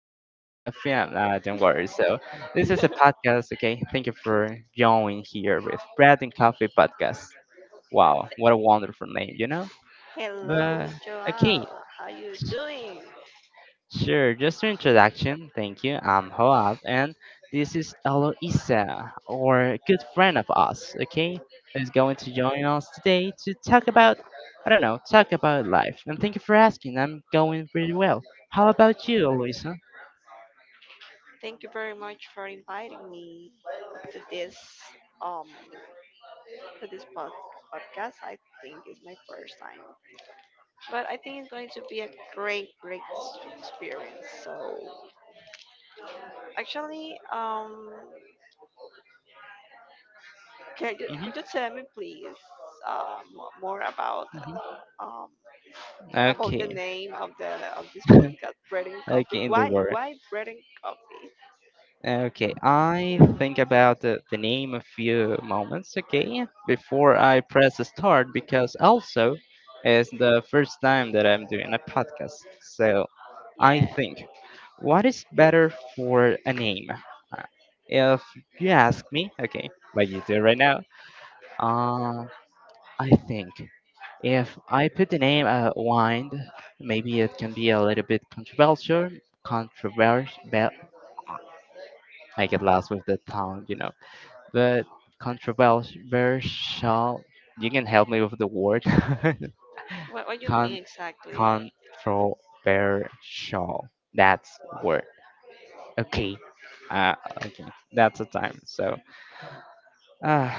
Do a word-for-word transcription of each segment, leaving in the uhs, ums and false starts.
five oh five F M. Uh, don't worry. So this is a podcast. Okay, thank you for joining here with Bread and Coffee Podcast. Wow, what a wonderful name, you know. Hello, But okay, Joao. How you doing? sure, just an introduction. Thank you. I'm Hoab, and this is Eloisa, or a good friend of us, okay? Who's going to join us today to talk about, I don't know, talk about life. And thank you for asking. I'm going pretty well. How about you, Eloisa? Thank you very much for inviting me to this um to this pod- podcast. I think it's my first time, but I think it's going to be a great, great s- experience. So, actually, um, can you, Hmm. could you tell me please um more about Hmm. um about the Okay. name of the of this podcast, Bread and Coffee? Okay, in the Why world. why Bread and Coffee? Okay, I think about the, the name a few moments, okay, before I press start because also it's the first time that I'm doing a podcast. So I Yeah. think, what is better for a name? Uh, If you ask me, okay, like you do right now, uh, I think if I put the name uh, Wind, maybe it can be a little bit controversial. Controversial. I get lost with the tongue, you know but controversial. You can help me with the word. What what you Con mean exactly? controversial. That's the word. Okay. Uh, okay. That's the time. So, uh,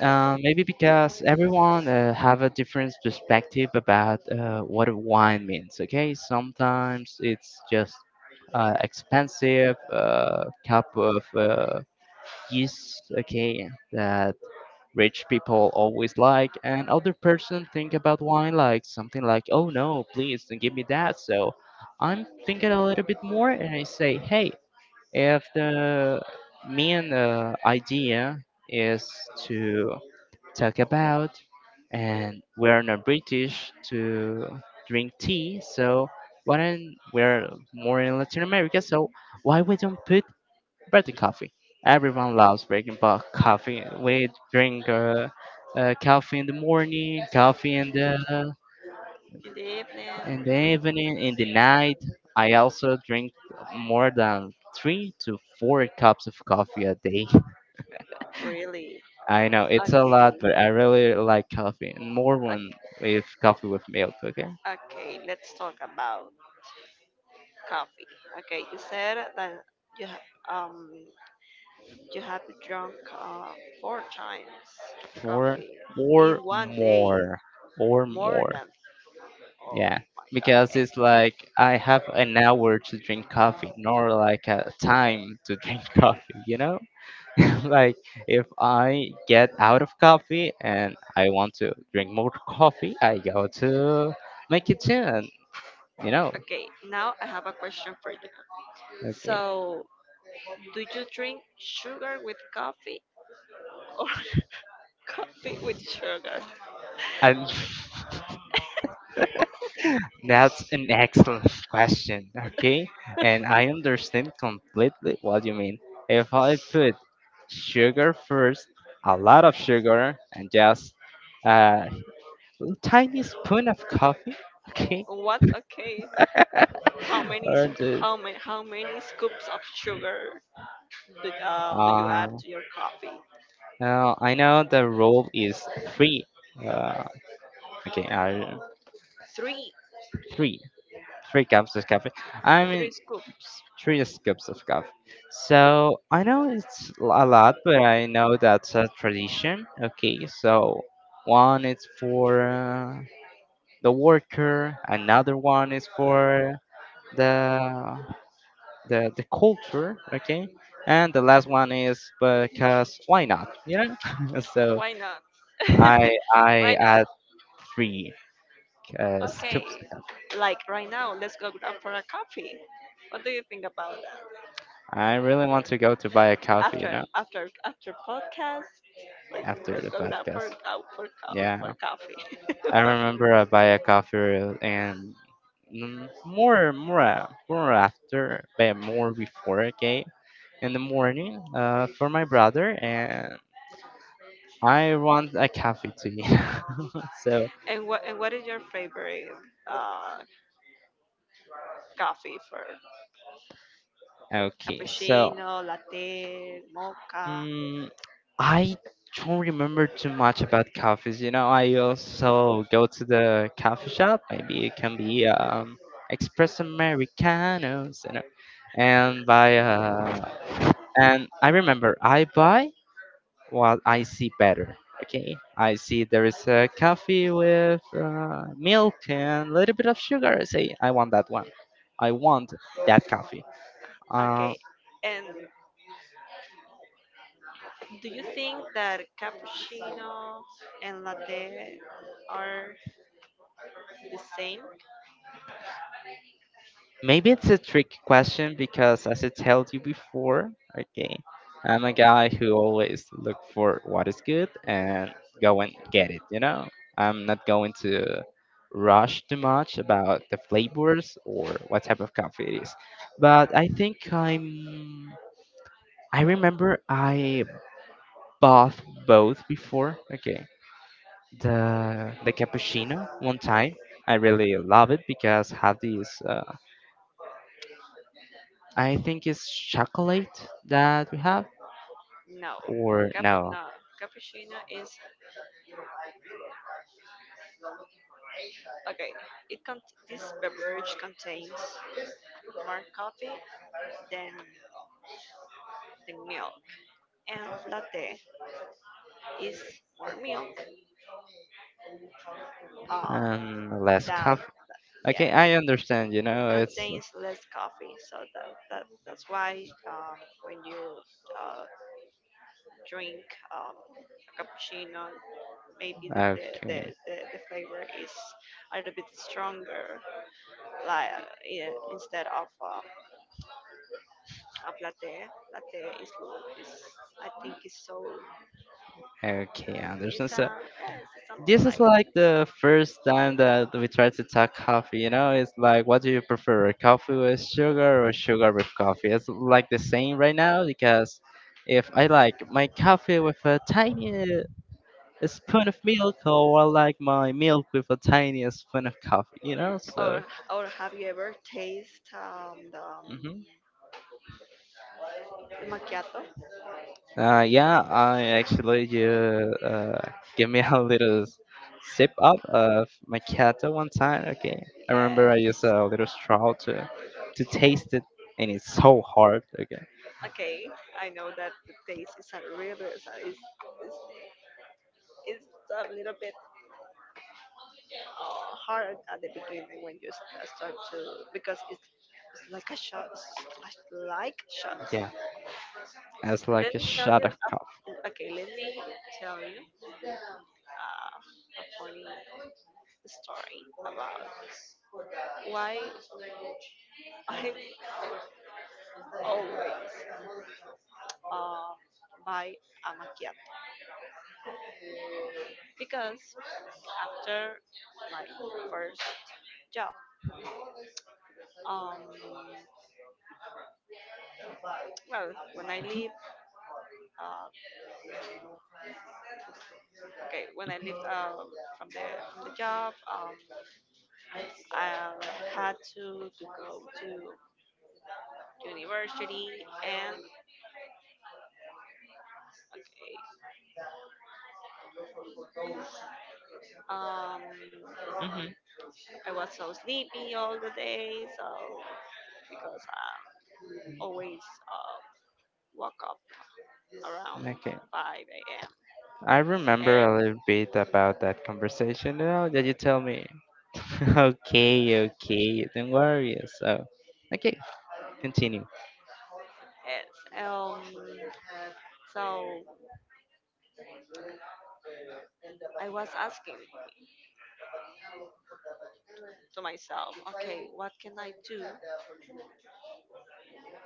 uh, maybe because everyone uh, have a different perspective about uh, what a wine means. Okay. Sometimes it's just uh, expensive uh, cup of uh, yeast. Okay. That Rich people always like, and other person think about wine like something like, oh no, please don't give me that. So I'm thinking a little bit more, and I say, hey, if the main uh, idea is to talk about, and we're not British to drink tea, so why don't we're more in Latin America? So why we don't put Birthday coffee. Everyone loves breaking pot coffee. We drink uh, uh, coffee in the morning, coffee in the In the evening? in the evening, in the night. I also drink more than three to four cups of coffee a day. Really? I know it's a Okay. lot, but I really like coffee, and more Okay, when with coffee with milk. Okay, okay. Let's talk about coffee. Okay, you said that you ha- um you have drunk uh, four times four, coffee in four one day, more, four more more. than. Oh Yeah, my god. because And, it's like I have an hour to drink coffee, nor like a time to drink coffee, you know? Like if I get out of coffee and I want to drink more coffee, I go to my kitchen, you know? okay, now I have a question for you. Okay. So, do you drink sugar with coffee or coffee with sugar? And that's an excellent question, okay? And I understand completely what you mean. If I put sugar first, a lot of sugar, and just uh, tiny spoon of coffee. Okay, What? Okay. How many s- or this. how many how many scoops of sugar did, um, did you add Uh, to your coffee? now I know the rule is three. Uh, okay, uh, Three, three, three cups of coffee. I three mean, scoops. three scoops of coffee. So I know it's l- a lot, but I know that's a tradition. Okay, so one is for uh, the worker, another one is for the the the culture, okay, and the last one is because why not you know So Why not? i i Why not? add three uh, Okay. scoops. Like right now, let's go grab for a coffee. What do you think about that? I really want to go to buy a coffee you After know after after podcast, let's, After let's the go grab podcast, for co- for, co- yeah, for I coffee. remember I buy a coffee and, mm, more more uh, more after but more before, okay, in the morning uh, for my brother, and I want a coffee too. So and what and what is your favorite uh, coffee for? okay, so Cappuccino, latte, mocha. Mm, I don't remember too much about coffees. You know, I also go to the coffee shop. Maybe it can be um, espresso americanos, you know, and buy. Uh, and I remember I buy what I see better. Okay, I see there is a coffee with uh, milk and a little bit of sugar. I say I want that one. I want that coffee. Uh, Okay. And do you think that cappuccino and latte are the same? Maybe it's a tricky question because, as I told you before, okay, I'm a guy who always look for what is good and go and get it. You know, I'm not going to rush too much about the flavors or what type of coffee it is. But I think I'm. I remember I bought both before. Okay, the the cappuccino one time. I really love it because have these. I think it's chocolate that we have, No. or Capu no, no. Cappuccino is okay. It con- this beverage contains more coffee than the milk, and latte is more milk um, and less than. coffee. Okay, Yes. I understand. You It know, it's contains less coffee, so that, that that's why um, when you uh, drink um, a cappuccino, maybe the the, the, okay. the, the flavor is a little bit stronger, like uh, yeah, instead of um, of latte. Latte is, l- is, I think, is so Okay, I it's, understand. So um yeah, it's something this is like. like the first time that we try to talk coffee. You know, it's like, what do you prefer, coffee with sugar or sugar with coffee? It's like the same right now because if I like my coffee with a tiny spoon of milk, or I like my milk with a tiny spoon of coffee. You know, so. Or or have you ever tasted um the um, Mm-hmm. the macchiato? Uh, yeah, I actually you uh, give me a little sip up of macchiato one time. Okay, I remember Yes. I used a little straw to to taste it, and it's so hard. Okay, Okay, I know that the taste is a little, is, is, is, is a little bit uh, hard at the beginning when you st- start to, because it's it's like a shot. It's like shots. yeah, as Let like a me tell shot you. of coffee. A, okay, let me tell you uh, a funny story about why I always uh, buy a macchiato, because after my first job, um, well, when I leave. uh, Okay, when I left um, from the from the job, um, I had to to go to university, and okay, um, Hmm. I was so sleepy all the day. So because I always uh, woke up around Okay, five a m. I remember a little bit about that conversation now that you tell me. Okay, okay, don't worry. So, okay, continue. Yes, um, so I was asking to myself, okay, what can I do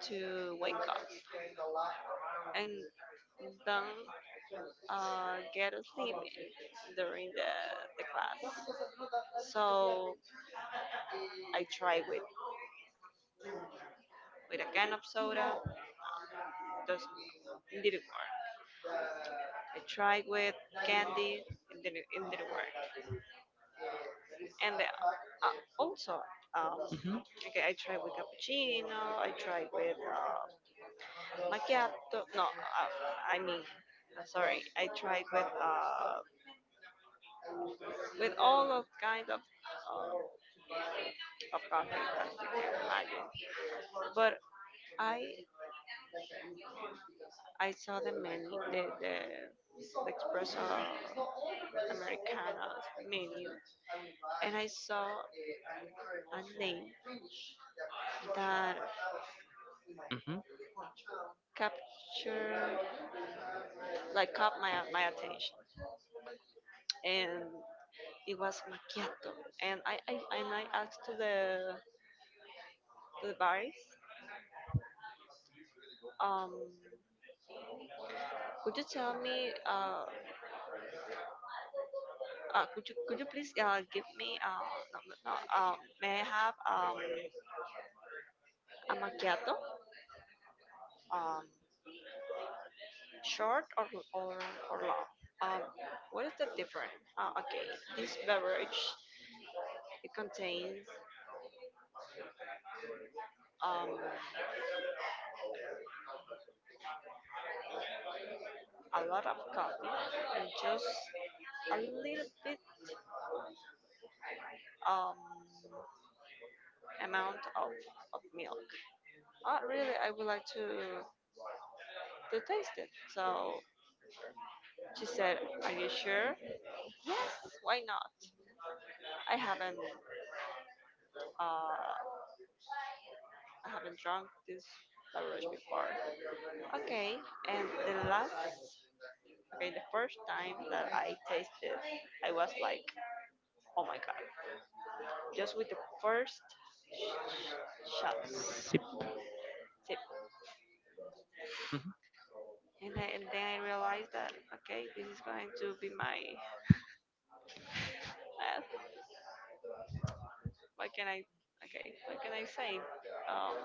to wake up and then uh, get asleep during the, the class. So I tried with, with a can of soda, doesn't work. It didn't work. I tried with candy, it didn't, it didn't work. And the, uh, also, um, Hmm. okay, I tried with cappuccino, I tried with uh, macchiato, no, uh, I mean, uh, sorry, I tried with uh, with all of kind of uh, of coffee that you can imagine. But I I saw the menu, the the, the espresso americano menu, and I saw a name that Hmm. captured, like, caught my my attention, and it was macchiato. And I, I and I asked to the to the barist, um, could you tell me, uh, uh could you could you please uh, give me, uh, no, no, no, uh, may I have um a macchiato? Um, short or or, or long. Um, what is the difference? Uh, okay, this beverage it contains um, a lot of coffee and just a little bit um, amount of, of milk. Uh, really, I would like to to taste it. So she said, "Are you sure?" Yes. Why not? I haven't uh, I haven't drunk this beverage before. Okay, and the last. Okay, the first time that I tasted, I was like, oh my god, just with the first sh- sh- shot Sip. sip, Hmm. and then, and then I realized that okay, this is going to be my, uh, what can I, okay, what can I say? Um,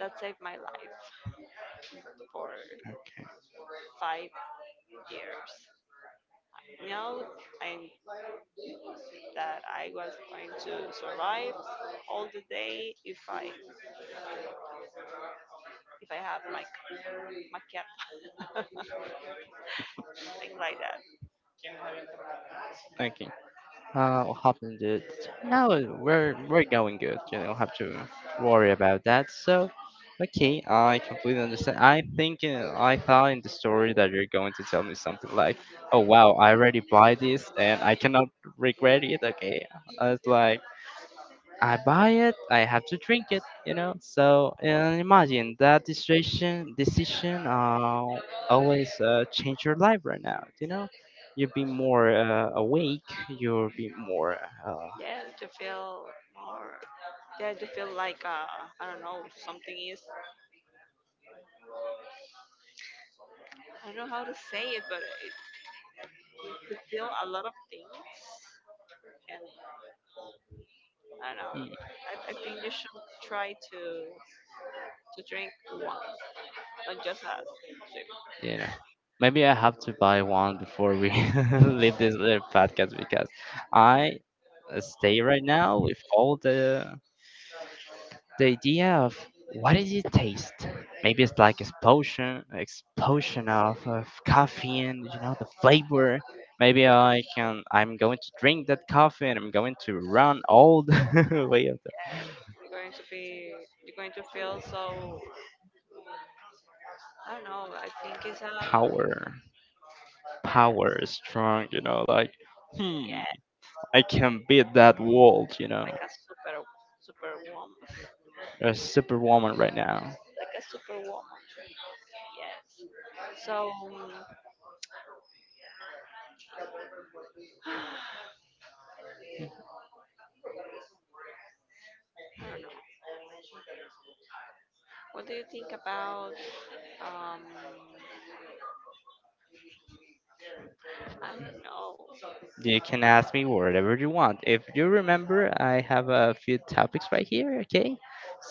that saved my life for five years. Know I that I was going to survive all the day if I if I have like macchiato. Thing like that. Okay. How happened it? No, we're we're going good. You don't have to worry about that. So, okay, I completely understand. I think uh, I thought in the story that you're going to tell me something like, "Oh wow, I already buy this and I cannot regret it." Okay, I was like. I buy it, I have to drink it, you know. So uh, imagine that decision decision uh, always uh, change your life right now, you know. You'll be more uh, awake. You'll be more, uh, Yeah, to feel more. Yeah, to feel like uh, I don't know, something is. I don't know how to say it, but it, to feel a lot of things. And I don't know. mm, I, I think you should try to to drink one, not just a sip. you know. Maybe I have to buy one before we leave this little podcast because I stay right now with all the the idea of what does it taste? Maybe it's like explosion, explosion of, of caffeine. You know the flavor. Maybe I can. I'm going to drink that coffee, and I'm going to run all the way of the You're going to be. You're going to feel so. I don't know. I think it's a, power. yeah, Power is strong. You know, like hmm, yeah, I can beat that world. You like know, a super, super woman, a superwoman right now. like a super woman. Yes. So I don't know. What do you think about, um I don't know. You can ask me whatever you want. If you remember, I have a few topics right here, okay?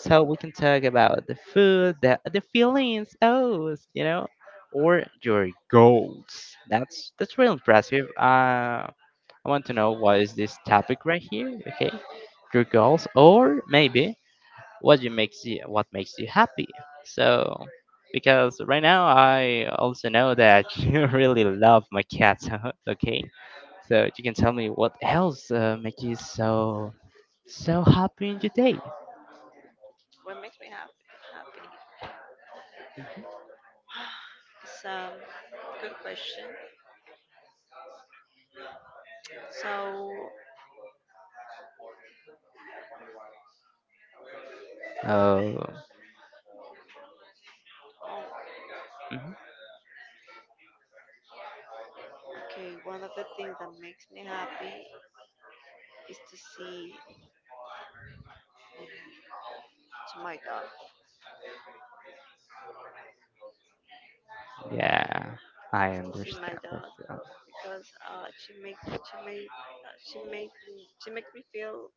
So we can talk about the food, the, the feelings, oh, you know, or your goals. That's that's real impressive. Uh, I want to know what is this topic right here, okay? Your goals, or maybe what you makes you what makes you happy. So because right now I also know that you really love my cat, okay? So you can tell me what else uh, make you so so happy in your day. What makes me happy happy? It's um good question. So, Oh, oh, mhm. okay, one of the things that makes me happy is to see to my dog. Yeah, I Is to see my understand that. dog uh, because uh she makes she made uh, she made me she makes me feel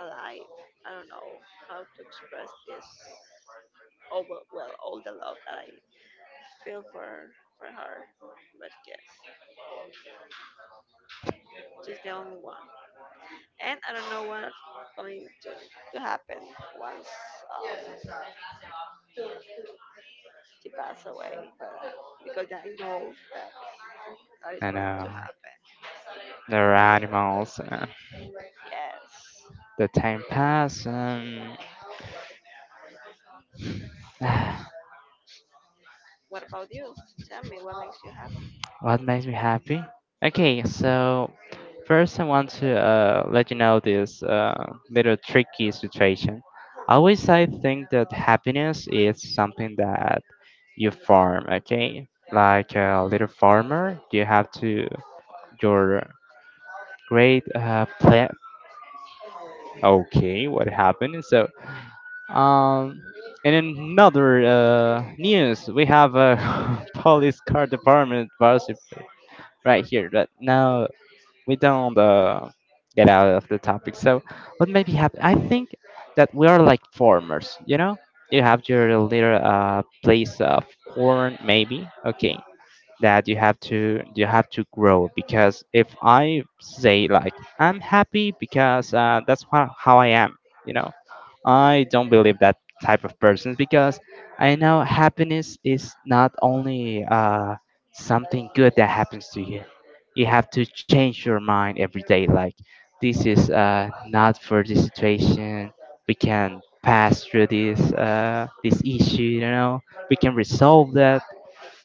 alive. I don't know how to express this. Oh, well, well, all the love that I feel for for her, but yes, she's the only one. And I don't know what going to, to happen once, um, she passes away, but, uh, because I know that that is I going to know happen there are one day. animals. Uh, Yes, The time pass. Um, yes. What about you? Tell me what makes you happy. What makes me happy? Okay, so first I want to uh, let you know this uh, little tricky situation. Always I think that happiness is something that you farm, okay? Like a little farmer, you have to your great uh, plant. Okay, what happened? So, um, and in another uh, news, we have a police car department gossip right here, but now we don't uh, get out of the topic. So, what maybe happen? I think that we are like farmers, you know? You have your little uh, place of corn, maybe. Okay, that you have to you have to grow because if I say like I'm happy because uh, that's how, how I am, you know, I don't believe that type of person because I know happiness is not only uh, something good that happens to you. You have to change your mind every day. Like this is uh, not for this situation. We can pass through this uh, this issue. You know, we can resolve that.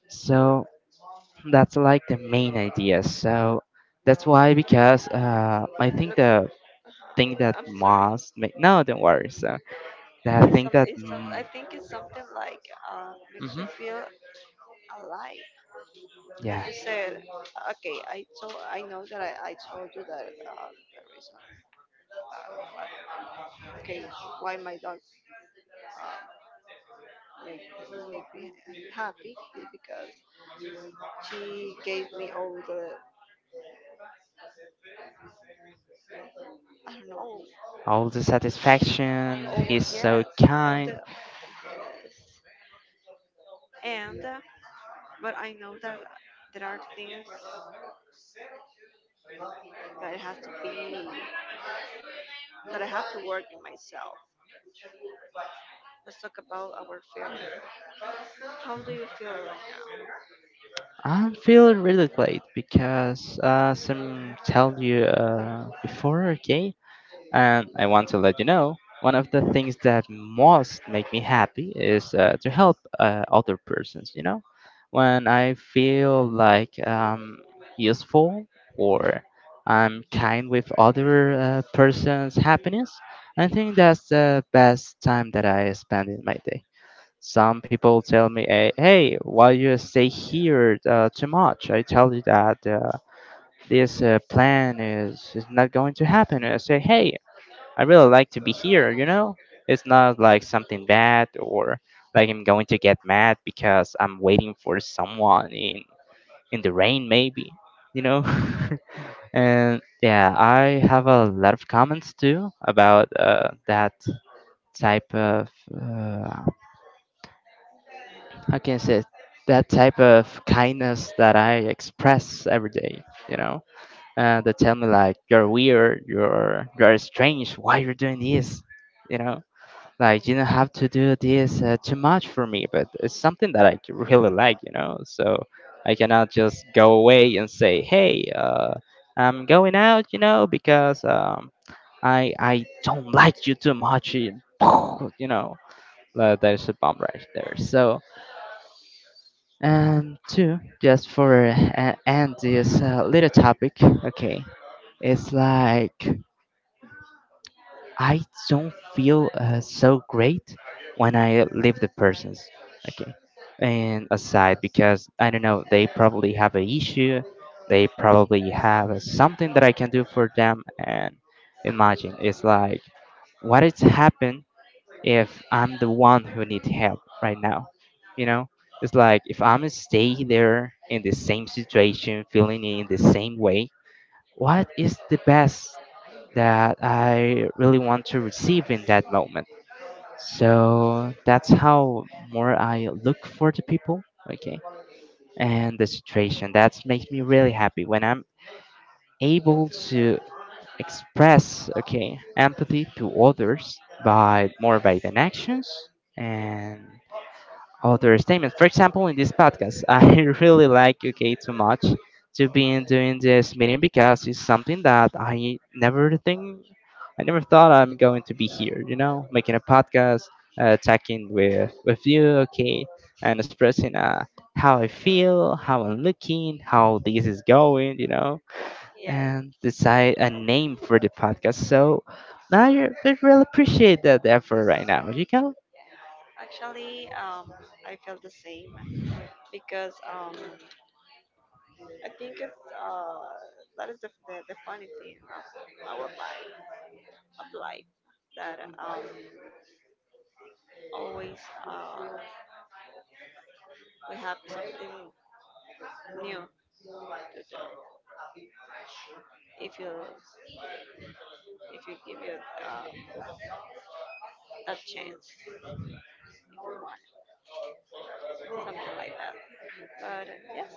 So that's like the main idea. So that's why because uh, I think Look, the thing that I'm so sorry. must make no, don't worry. So the It's thing some. that It's some. I mm, think it's something like, uh, makes you mhm, feel alive. That yeah, you said, okay, I told, I know that I, I told you that uh, the reason, uh, uh, okay, why my dog uh, make make me happy is because she gave me all the, I don't know, all the satisfaction. all, He's so yes, all the, kind. yes, and, uh, but I know that there are things that it has to be, that I have to work in myself. Let's talk about our failure. How do you feel right I'm feeling really great because uh, some tell you uh, before. Okay, and I want to let you know one of the things that most make me happy is uh, to help uh, other persons, you know? When I feel like um, useful or I'm kind with other uh, person's happiness, I think that's the best time that I spend in my day. Some people tell me, eh, "Hey, why you stay here uh, too much?" I tell you that uh, this uh, plan is, is not going to happen. I say, "Hey, I really like to be here, you know? It's not like something bad or like I'm going to get mad because I'm waiting for someone in in the rain maybe, you know? And yeah, I have a lot of comments too about uh, that type of uh, how can I say it? That type of kindness that I express every day, you know? Uh, they tell me like you're weird, you're you're strange, why you're doing this, you know? Like you don't have to do this uh, too much for me, but it's something that I c- really like, you know. So I cannot just go away and say, "Hey, uh, I'm going out," you know, because um, I I don't like you too much, you you know. Uh, there's a bomb right now? there. Yes, So and two, just for uh, end this uh, little topic, okay? It's like I don't feel uh, so great when I leave the persons. Okay. And aside, because I don't know, they probably have an issue. They probably have something that I can do for them. And imagine, it's like, what is happen if I'm the one who need help right now? You know, it's like if I'm stay there in the same situation, feeling in the same way. What is the best that I really want to receive in that moment. So that's how more I look for the people, okay, and the situation. That makes me really happy when I'm able to express, okay, empathy to others by more by than actions, and other statements. For example, in this podcast, I really like U K too much to be in doing this meeting because it's something that I never think, I never thought I'm going to be here. You know, making a podcast, uh, talking with with you, okay, and expressing uh, how I feel, how I'm looking, how this is going. You know, yes. and decide a name for the podcast. So. Now you, I really appreciate that effort right now, you Actually, um, I feel the same, because um, I think it's, uh, that is the, the, the funny thing of our life of life, that um, always, uh, we have something new to do if you if you give it, um, that chance, something like that. But yes,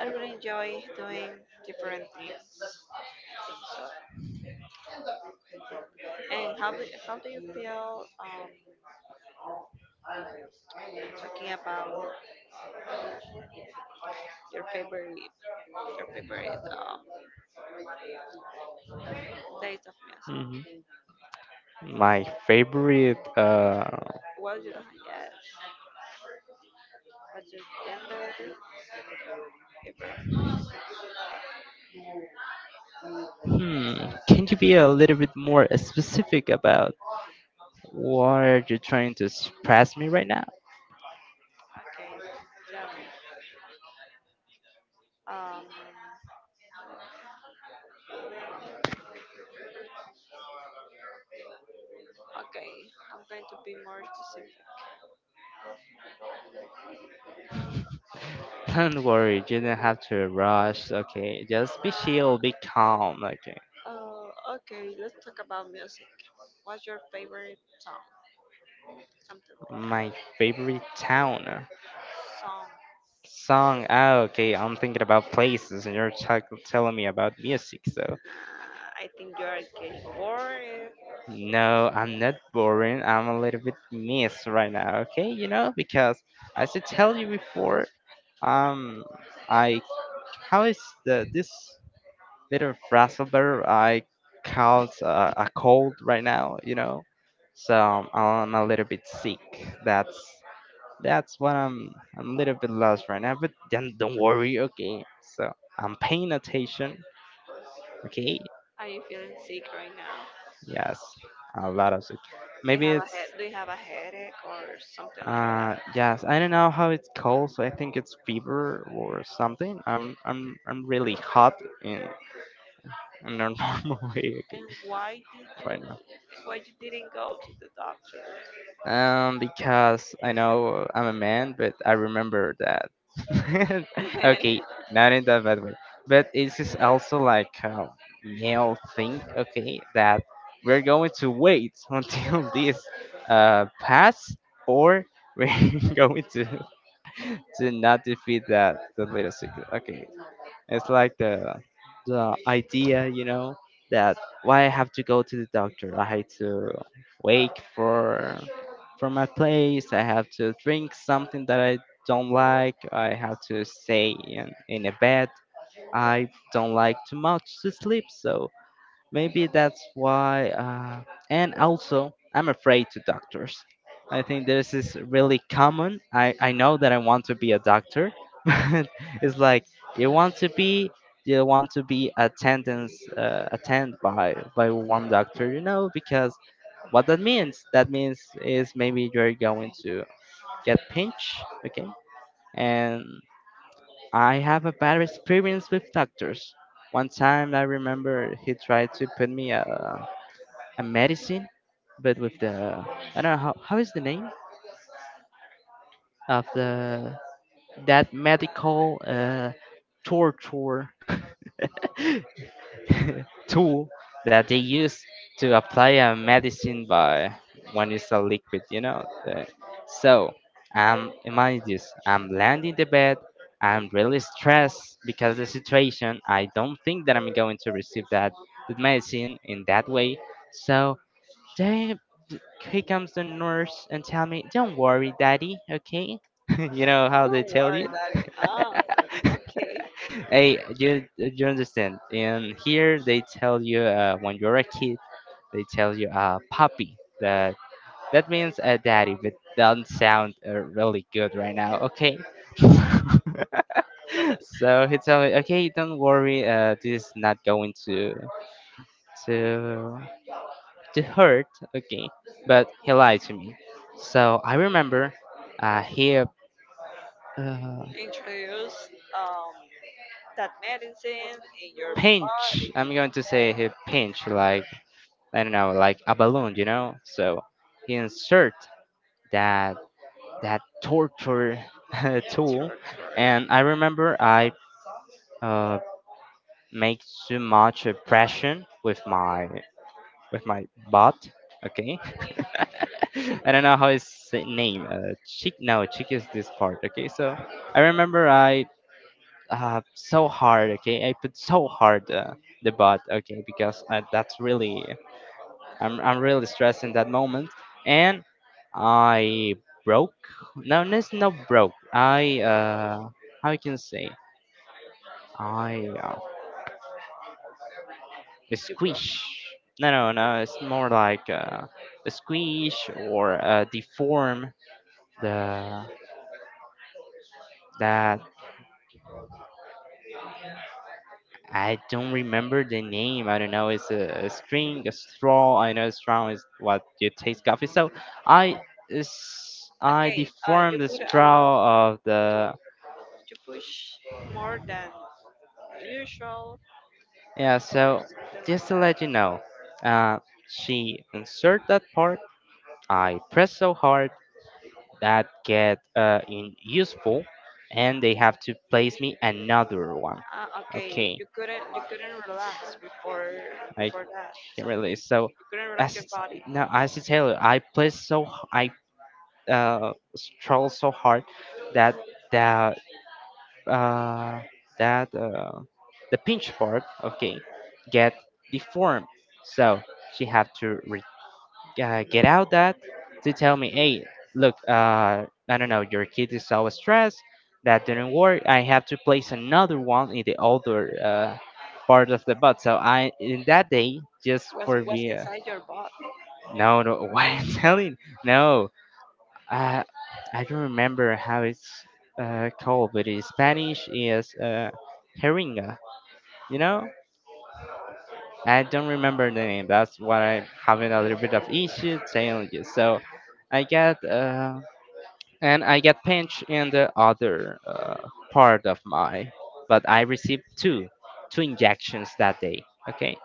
I really enjoy doing different things. I think so. And how do, how do you feel, um, talking about your favorite, your favorite um, taste of music. know? My favorite. Uh, What you don't get. What's your gender? Favorite. Hmm. Can you be a little bit more specific about what are you trying to express me right now? Okay, genre. Um, okay, I'm going to be more specific. Don't worry, you don't have to rush. Okay, just be Uh, chill, be calm. Okay. uh, okay, let's talk about music. What's your favorite song? Something like My that. favorite town. Song. Song. Ah, okay. I'm thinking about places, and you're talk- telling me about music. So. Uh, I think you are getting bored. No, I'm not boring. I'm a little bit missed right now, okay? You know, because as I tell you before, um, I how is the this little frazzle bear I caught uh, a cold right now, you know? So um, I'm a little bit sick. That's that's what I'm I'm a little bit lost right now, but then don't worry, okay? So I'm paying attention, okay? Are you feeling sick right now? Yes, a lot of it. Do you Maybe have a it's head? Do you have a headache or something like Uh, that? yes, I don't know how it's called, so I think it's fever or something. I'm I'm I'm really hot in in a normal way okay, And why did right you now. why you didn't go to the doctor? Um, because I know I'm a man, but I remember that. Okay, not in that bad way, but this is also like a male thing. Okay, that we're going to wait until this uh pass, or we're going to To not defeat that the little secret. Okay, it's like the the idea, you know, that why I have to go to the doctor. I had to wake for for my place. I have to drink something that I don't like. I have to stay in in a bed. I don't like too much to sleep, so maybe that's why. Uh, and also, I'm afraid to doctors. I think this is really common. I, I know that I want to be a doctor, but it's like you want to be you want to be attendance uh, attend by by one doctor, you know, because what that means that means is maybe you're going to get pinched, okay? And I have a bad experience with doctors. One time I remember he tried to put me a a medicine, but with the I don't know how how is the name of the that medical uh, torture tool that they use to apply a medicine by when it's a liquid, you know. the- So um, imagine this: I'm landing the bed. I'm really stressed because the situation. I don't think that I'm going to receive that, that medicine in that way. So then here comes the nurse and tell me, "Don't worry, daddy. Okay." You know how they Don't tell worry, you. daddy. Ah, okay. Hey, you you understand? And here they tell you uh, when you're a kid, they tell you uh, puppy. That that means a daddy, but doesn't sound uh, really good right now. Okay. So he told me, okay, don't worry. Uh, this is not going to to to hurt, okay, but he lied to me. So I remember uh, he uh, Introduce um that medicine in your pinch. body. I'm going to say Yeah, he pinch like I don't know, like a balloon, you know. So he insert that that torture it's her. tool, and I remember I uh, make too much uh, pressure with my with my butt, okay, I don't know how his name. Uh, Chick. No, Chick is this part. Okay, so I remember I uh so hard. Okay, I put so hard uh, the bot. Okay, because uh, that's really I'm I'm really stressed in that moment, and I broke. No, there's no broke. I uh how you can say I uh, squish. No, no, no. It's more like uh, a squish or uh, deform the that I don't remember the name. I don't know. It's a, a string, a straw. I know straw is what you taste coffee. So I s- I Okay, uh, you deformed the put a lot of, straw of okay, the you push more than usual, yeah. or So something like just to that. let you know, uh, she insert that part. I press so hard that get uh in useful, and they have to place me another one. Ah, okay, Okay, you couldn't you couldn't relax before I before that, can so you relate. So you couldn't relax as your it's- body. now as I tell you, I press so h- I uh, struggle so hard that that uh, that uh, the pinch part okay get deformed. So she have to re- uh, get out that to tell me, hey, look, uh, I don't know, your kid is so stressed that didn't work. I have to place another one in the other uh, part of the butt. So I in that day just was for was me. Uh, inside your butt. No, no, what I'm telling, no. I I don't remember how it's uh, called, but in Spanish is uh, heringa. You know, I don't remember the name. That's what I'm having a little bit of issue telling you. So I get uh, and I get pinched in the other uh, part of my, but I received two two injections that day. Okay,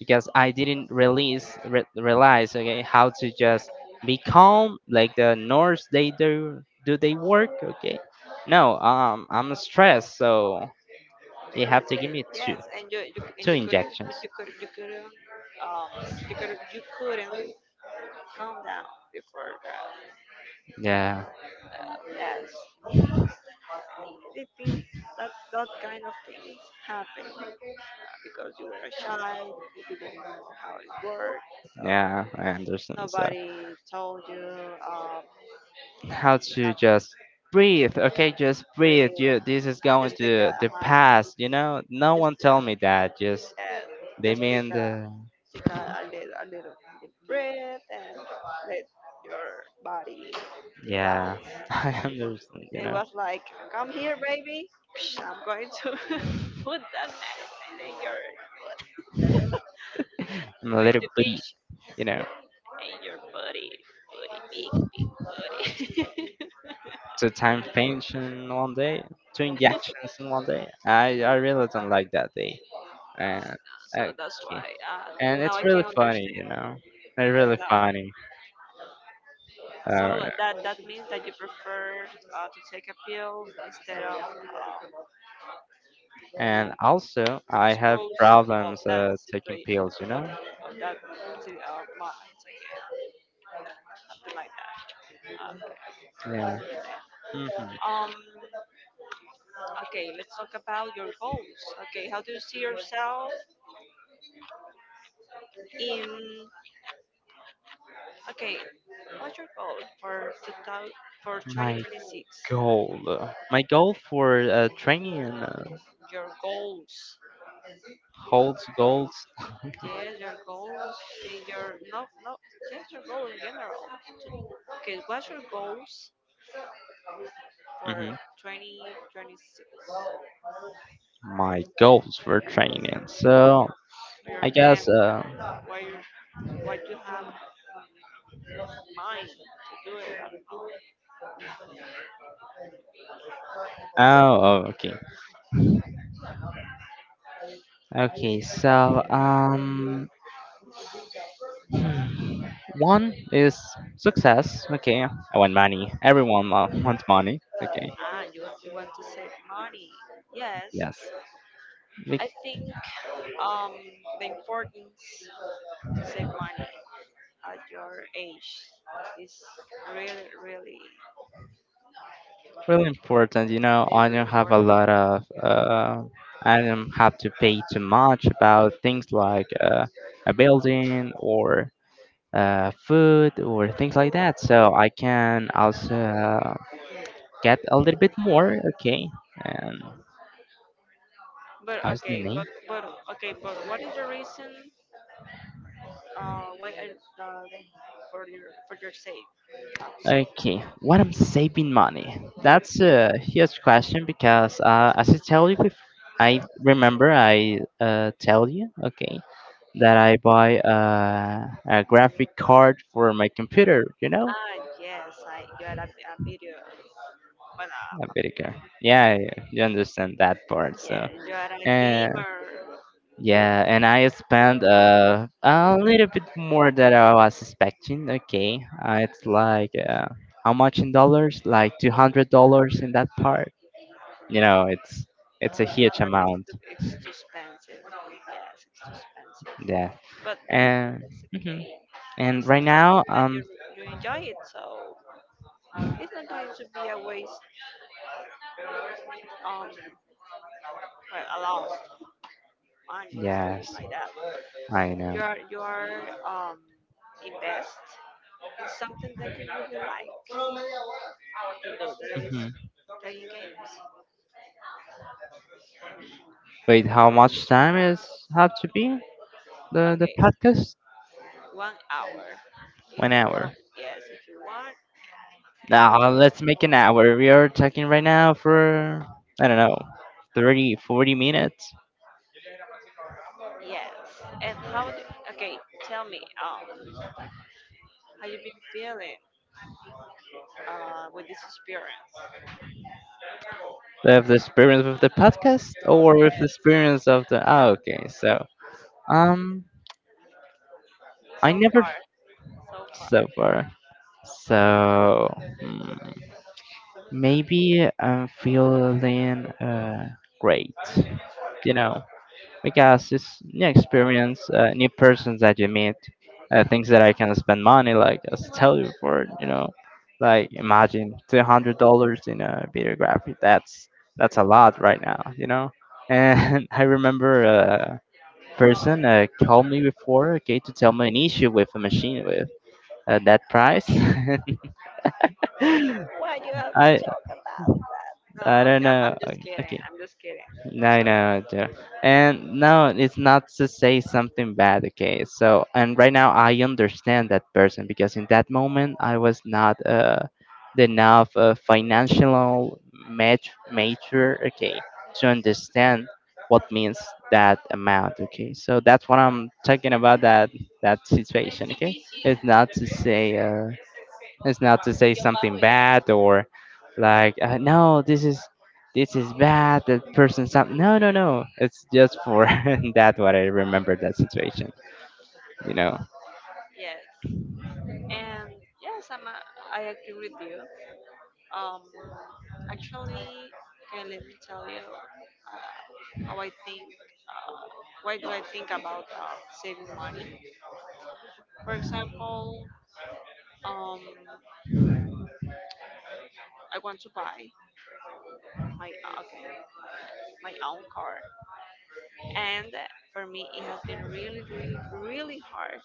because I didn't release re- realize okay how to just be calm like the Norse they do do they work okay no um I'm Eh, stressed so they have to give me two Yes, and you you and two you couldn't injections you could you couldn't um you could you couldn't calm down before that. yeah Uh, yes, the things that that kind of things happen, uh, because you were a child, you didn't know how it worked, so yeah I understand so nobody told you um that how you to have to just breathe okay just breathe breathe. you this is going Just take a, to a the hug. past you know no one Yeah. tell me that just And they just take mean a the take a, a little a little deep breath and let your body relax. yeah I understand you It know was like, come here, baby. Psh, I'm going to put that medicine in your, I'm a going little to bitty pinch you know in your body, body, big, big body. two times pinch in one day, two injections in one day. I, I really don't like that day. Uh, And uh, so that's why, uh, and now it's I really can funny, understand. you know. It's really Uh, funny. So Uh, that that means that you prefer, uh, to take a pill, instead of and also, I have disposed of problems that uh, taking situation pills, you of, know. of that si- of minds, okay, something like that, okay. Yeah. Hmm. um okay, let's talk about your goals. Okay, how do you see yourself in, okay, what's your goal for twenty hundred, for My twenty twenty-six? goal, uh, my goal for uh, training uh, Your goals? holds goals. Yes, your goals in your, no, no, yes, your goal in general. To- okay, what's your goals for Hmm. twenty twenty-six, My goals for training. So or your I guess. plans, Uh, what you what you have in mind to do it. Oh, oh, okay. Okay, so um, one is success. Okay, I want money. Everyone wa- wants money. Okay, Ah, you you want to save money. Yes, yes, be- I think um the importance to save money at your age is really, really really important. You know, is I really don't have a important. lot of. Uh, I don't have to pay too much about things like uh, a building or uh, food or things like that. So I can also get a little bit more. Okay, and But how's the okay, name? but but okay, but what is the reason, uh why, I- uh, for your, for your save uh, to save Okay, money? what I'm saving money? That's a huge question because uh, as I tell you, bef- I remember I uh, tell you, okay, that I buy uh, a graphic card for my computer. You know, Ah yes, I you had a, a video, well. a video card. Yeah, yeah, you understand that part. So, Yeah, you are a and gamer. yeah, and I Video game, spent uh, a little bit more than I was expecting. Okay, uh, it's like uh, how much in dollars? Like two hundred dollars in that part. You know, it's it's one a huge hundred is amount. too, it's too expensive. Yes, it's too expensive. Yeah. But yeah, And it's mhm. okay. And It's right not now, something that you um, you enjoy it, so it's not going to be a waste. Um, well, a lot of money and stuff yes, like that. I You know. are you are um invest in something that you really like to do. That is Hmm. playing games. Wait, how much time is have to be the the Okay, podcast? one hour. If One you want, hour. yes. If you want, Now let's make an hour. We are talking right now for I don't know, thirty, forty minutes. yes. And how do, okay, tell me, um, how you been feeling uh, with this experience? With the experience with the podcast or with the Yes. experience of the ah okay so um I So never far. So far. so far so hmm. Maybe I'm feeling uh, great, you know, because it's new experience, uh, new persons that you meet, uh, things that I can spend money like as I tell you before, you know, like imagine two hundred dollars in a videography. That's that's a lot right now, you know. And I remember a person uh, called me before, okay, to tell me an issue with a machine with uh, that price. Why do you have to I talk? No, I I'm, don't I'm, I'm know. uh, just kidding. Okay, I'm just kidding. no, So, no, dear. And no, it's not to say something bad, okay? So, and right now I understand that person because in that moment I was not uh, the enough uh, financial mat- mature, okay, to understand what means that amount, okay? So that's what I'm talking about that that situation, okay? It's not to say uh, it's not to say something bad or like uh, no, this is this is bad. That person something. No, no, no. It's just for that what I remember that situation. You know. yes. And yes, I'm a, I am I agree with you. Um, actually, okay, let me tell you, uh, how I think, uh, why do I think about, uh, saving money? For example, um, I want to buy my uh, okay, my, my own car, and for me it has been really, really, really hard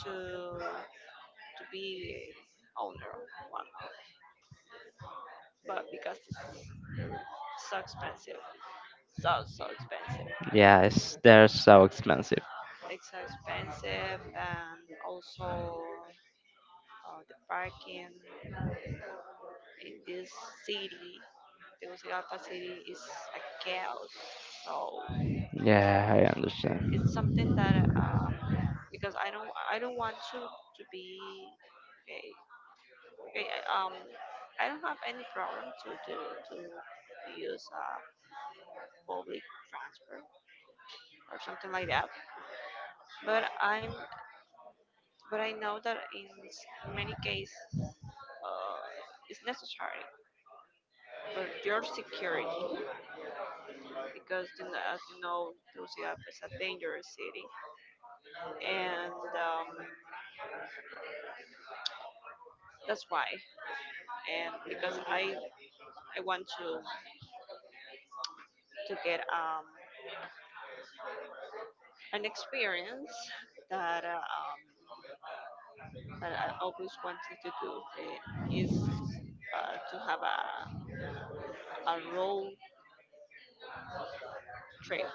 to to be owner one of, but because it's so expensive, so so expensive, Yeah, it's they're so expensive. it's so expensive. And also, uh, the parking in this city, Tegucigalpa city, is a chaos. So Yeah, I it's understand. something that, um because I don't I don't want to to be. Okay, okay, I- um I don't have any problem to to to use uh public transport or something like that. But I'm but I know that in s- many cases, uh, it's necessary for your security. Because, you know, as you know, Tegucigalpa is a dangerous city. And, um, that's why. And because I I want to to get, um, an experience that, uh, um, that I always wanted to do, uh, is, uh, to have a, a road trip,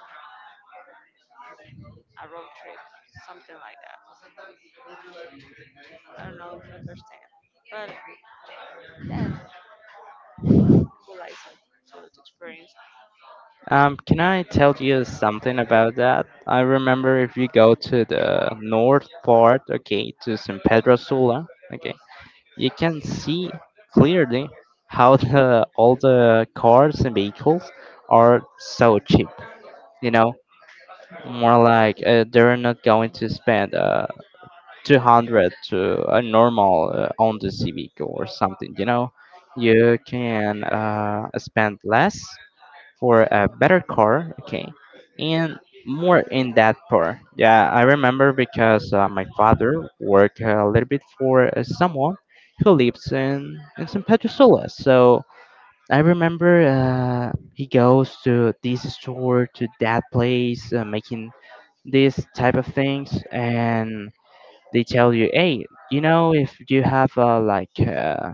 a road trip, something like that. I don't know if you understand, but that would like some sort of experience. Um, can I tell you something about that? I remember if you go to the north part, okay, to San Pedro Sula, okay, you can see clearly how the all the cars and vehicles are so cheap. You know, more like uh, they're not going to spend uh, two hundred to a normal uh, on this vehicle or something. You know, you can uh, spend less for a better car, okay, and more Really, in that part. Yeah, I remember because uh, my father worked a little bit for uh, someone who lives in in San Pedro Sula. So I remember uh, he goes to this store to that place, uh, making this type of things, and they tell you, hey, you know, if you have uh, like uh,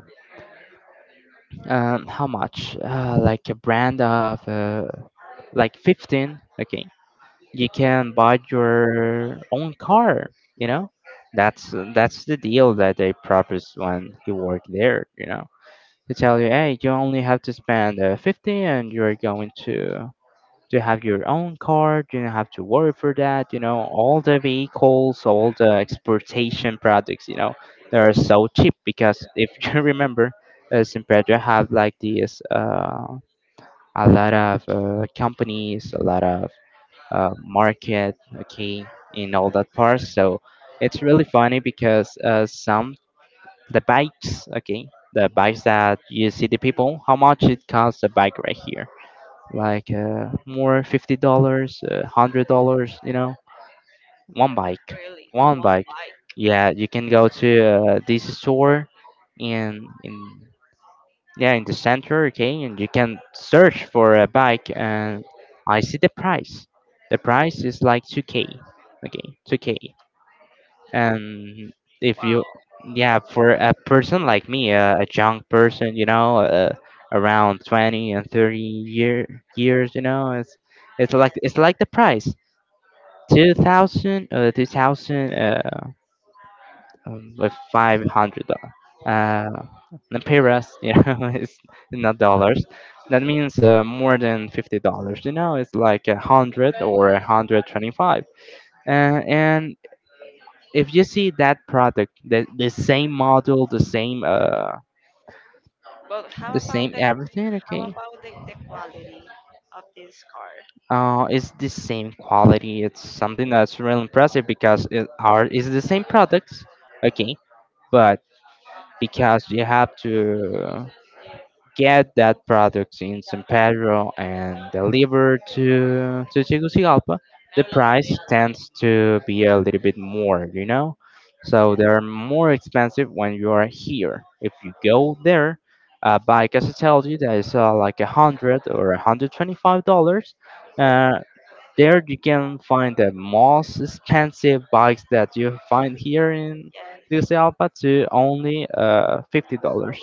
um, how much, uh, like a brand of. Uh, like fifteen, okay, you can buy your own car. you know that's that's the deal that they proposed when he worked there. You know to tell you, hey, you only have to spend uh, fifty and you're going to to have your own car. You don't have to worry for that. You know all the vehicles, all the exportation products. You know they are so cheap because if you remember uh, Simpedra have like these uh, a lot of uh, companies, a lot of uh, market, okay, in all that part. So it's really funny because uh, some the bikes, okay, the bikes that you see the people, how much it costs a bike right here? Like uh, more fifty dollars, uh, hundred dollars, you know, one bike, really, one one bike. bike. Yeah, you can go to uh, this store, and in yeah, in the center, okay, and you can search for a bike, and I see the price. The price is like two K, okay, two K. And if you, Wow. yeah, for a person like me, a, a young person, you know, uh, around twenty and thirty year, years, you know, it's it's like it's like the price, two thousand uh, two thousand um, with five hundred uh, lempiras, you know, it's not dollars. That means uh, more than fifty dollars. You know, it's like a hundred or a hundred twenty-five. Uh, and if you see that product, the, the same model, the same uh, But how the same about the, everything, how okay, about the, the quality of this car? uh, it's the same quality. It's something that's really impressive because it are is the same products, okay, but because you have to get that product in San Pedro and deliver to to Tegucigalpa, the price tends to be a little bit more, you know. So they're more expensive when you are here. If you go there, uh, bike as I told you, that is uh, like a hundred or a hundred twenty-five dollars. Uh, there you can find the most expensive bikes that you find here in Yes. Tegucigalpa to only uh, fifty dollars.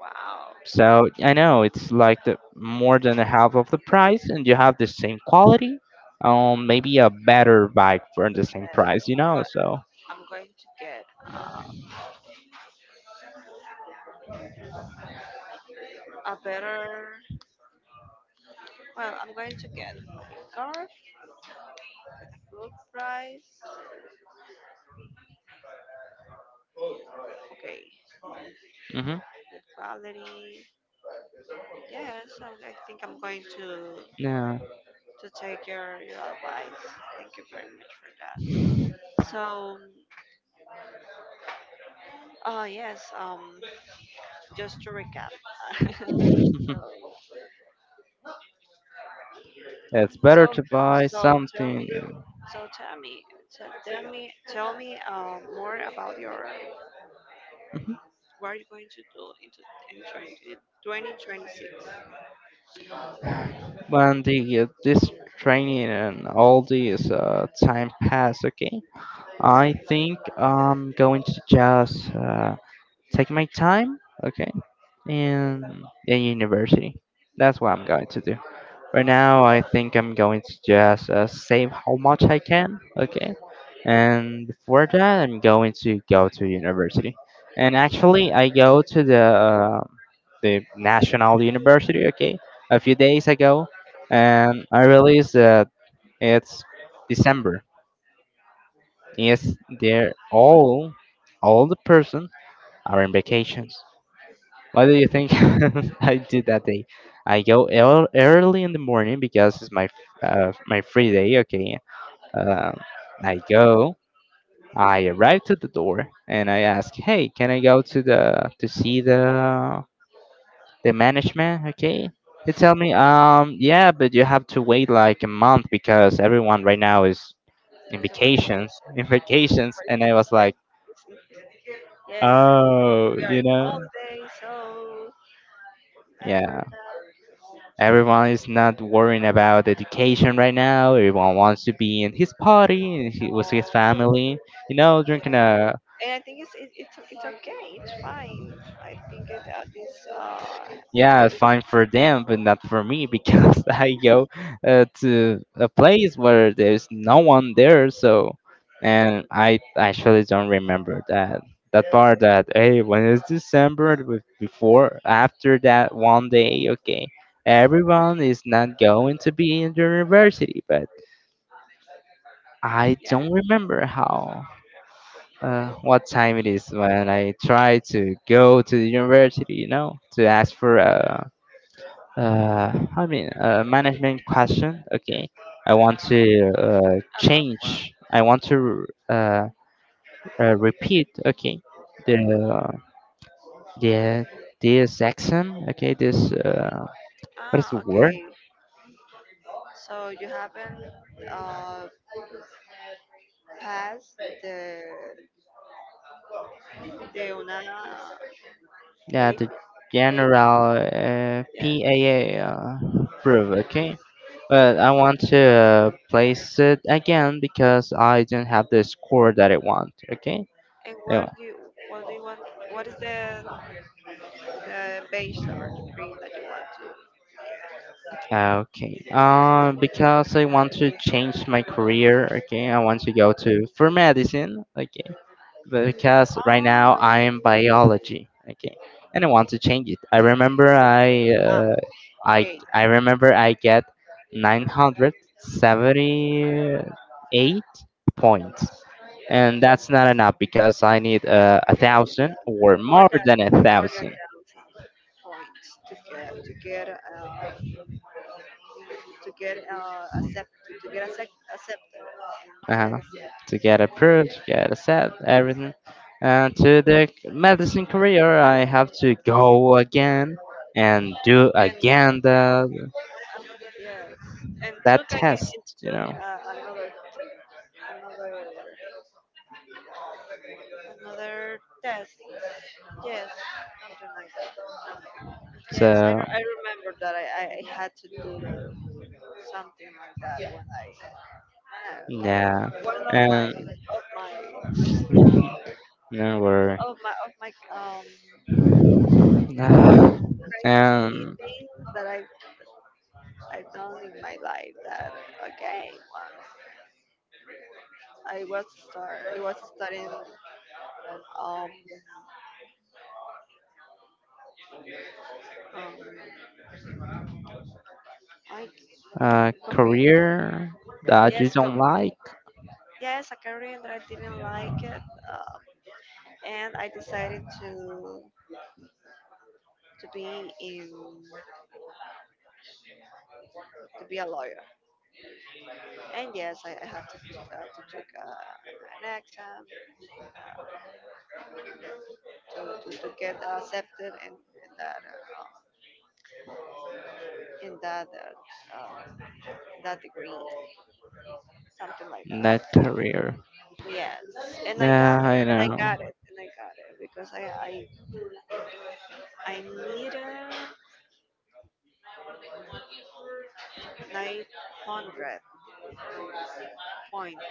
Wow. So I know it's like the more than a half of the price, and you have the same quality, um, maybe a better bike for the same Yes. price, you I'm, know. go- So I'm going to get, uh, a better. Well, I'm going to get my scarf with a good price. Okay, hmm good quality. Yes, I'm, I think I'm going to yeah, to take your your advice. Thank you very much for that. So, uh, yes. Um, just to recap. it's so, better to buy so tell me. something. So tell me, tell, tell me, tell me uh, more about your, Mhm. what are you going to do into entering in twenty twenty-six. When the uh, this training and all these uh, time pass, okay, I think I'm going to just uh, take my time, okay, and in university. That's what I'm going to do. Right now, I think I'm going to just uh, save how much I can, okay? And before that, I'm going to go to university. And actually, I go to the uh, the national university, okay, a few days ago, and I realized that it's December. Yes, they're all all the person are in vacations. Why do you think I do that day? I go ear- early in the morning because it's my f- uh, my free day. Okay, uh, I go. I arrive to the door and I ask, "Hey, can I go to the to see the the management?" Okay, they tell me, "Um, yeah, but you have to wait like a month because everyone right now is in It's on my case. vacations, in What vacations." And I is was this? like, Yes, "Oh, we are you in know, holiday, so remember yeah." that. Everyone is not worrying about education right now. Everyone wants to be in his party and he, with his Oh, family. You know, drinking yeah. a. And I think it's it, it's it's okay. It's fine. I think it, uh, this, uh Yeah, it's fine for them, but not for me because I go uh, to a place where there's no one there. So, and I actually don't remember that that part. That, hey, when it's December be- before after that one day, okay, everyone is not going to be in the university, but I don't yeah. remember how, uh, what time it is when I try to go to the university, you know, to ask for a, uh, I mean, a management question. Okay, I want to uh, About what? change. I want to uh, uh, repeat. Okay, the the this exam. Okay, this uh, what is the Ah, word? okay. So you haven't uh passed the the una Yeah, the the A P, general uh, yeah. P A A uh, proof. Okay, but I want to uh, place it again because I did not have the score that I want. Okay. And what Anyway, do you what do you want? What is the the bachelor degree that you want to. okay. Uh, because I want to change my career. Okay, I want to go to for medicine. Okay, but because right now Ah, I am biology. Okay, and I want to change it. I remember I ah, uh, I okay. I remember I get nine hundred seventy eight points. And that's not enough because I need uh, a thousand or More more than than a more than thousand thousand points to get to get uh, to get uh, accepted, to get accept, accepted in the uh, medicine. to get approved, to get accepted, everything. And to the medicine career, I have to go again and do And, again the uh, yes, and took that again test, it you took, know. uh, another another another test. Yes, something like that. Yes, I, So re- I remember that I, I I had to do something like that when I, ah, okay. yeah, One of my and of my no worry. of my of my um crazy And things that I I've done in my life, that, okay, once I was start I was studying, um um I uh, computer, career that you yes, com, don't like, yes, a career that I didn't like it. um, and I decided to to be in to be a lawyer. And yes, I, I had to, uh, to took, uh, an exam to, to, to get accepted in, in that, uh, in that uh, uh, that degree, something like that. that career. Yes, and I got Yeah, it, I and I know. got it, and I got it, because I I, I needed nine hundred points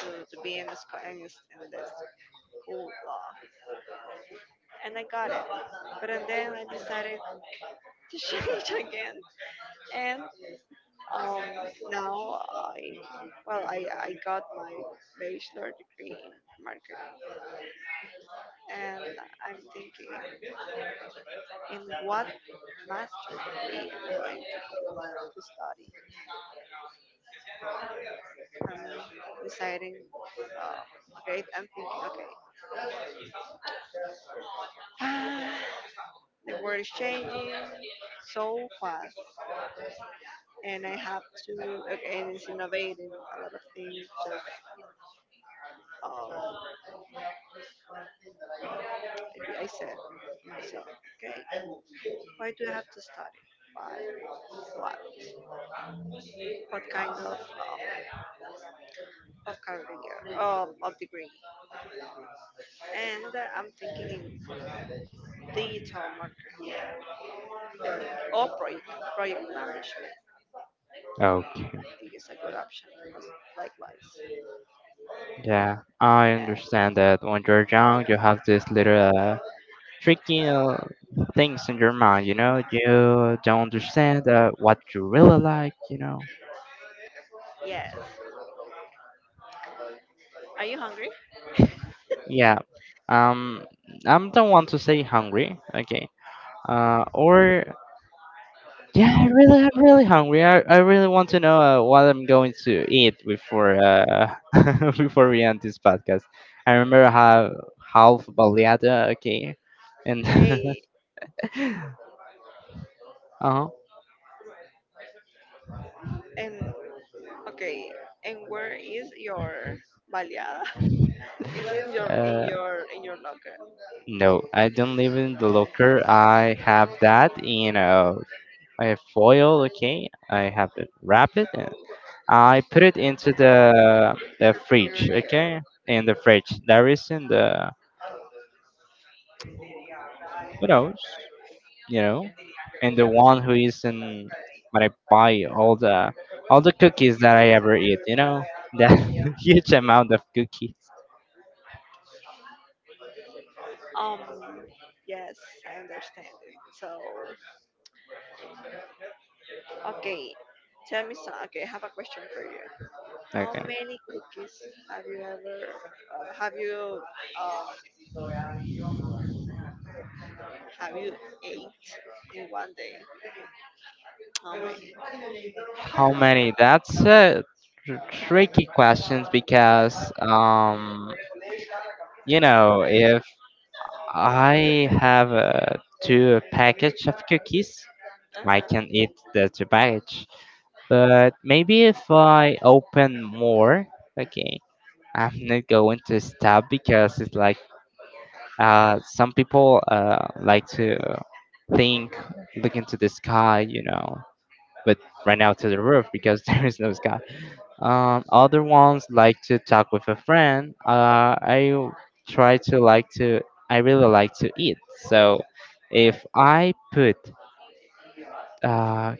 to, to be in the sc- in this in this school law, and I got it. But and then I decided to change again. And Um, now, I, well, I, I got my bachelor degree in marketing, and I'm thinking in what master degree I'm going to, plan to study. I'm deciding, uh, okay, I'm thinking, okay, the world is changing so fast, and I have to, okay, and it's innovating a lot of things. Just, um, I I said to myself, okay. Why do I have to study? Why? What? What kind of, um, of career? Um, of degree? And, uh, I'm thinking in digital marketing or project project management. Okay. I think it's a good option. Likewise. Yeah, I Uh, understand that when you're young, you have these little uh, tricky uh, things in your mind, you know? You don't understand uh, what you really like, you know? yes. Are you hungry? Yeah, um, I don't want to say hungry, okay? Uh, or, yeah, I really, I'm really hungry. I, I really want to know uh, what I'm going to eat before uh, before we end this podcast. I remember how half baleada, okay? And, Hey. uh-huh. And okay. And where is your baleada? Is it your, in uh, your in your locker? No, I don't live in the locker. I have that in a, a foil, okay? I have it wrap it and I put it into the the Your fridge, okay? In the fridge. There is in the who knows, you know? And the one who is in when I buy all the all the cookies that I ever eat, you know? The huge amount of cookies. um. Yes, I understand it. So. Okay, tell me some. Okay, I have a question for you. How Okay. many cookies have you ever uh, have you um have you ate in one day? How many? How many? That's a tr- tricky questions because um you know, if I have uh, two package of cookies, I can Uh-huh. eat the two package. But maybe if I open more, okay, I'm not going to stop because it's like uh, some people uh, like to think, look into the sky, you know, but right now to the roof because there is no sky. Um, other ones like to talk with a friend. Uh, I w- try to like to. I really like to eat. So, if I put uh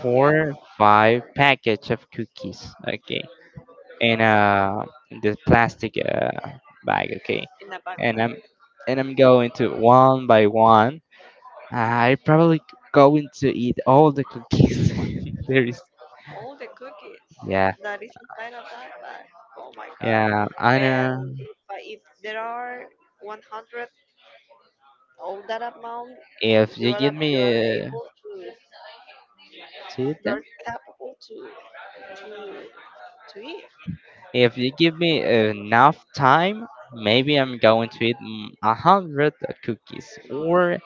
four Yes, five package of cookies, okay, in uh the plastic uh, bag, okay, in a and I'm backpack. and I'm going to one by one. I probably going to eat all the cookies. There is, All the cookies yeah, that is inside a backpack. Oh my god! yeah, I And know. if, I, if there are one hundred, all that amount, If you you are give ab- you are me. Uh, able to Eat you them. are capable to to to eat If you give me enough time, maybe I'm going to eat mm, a hundred cookies or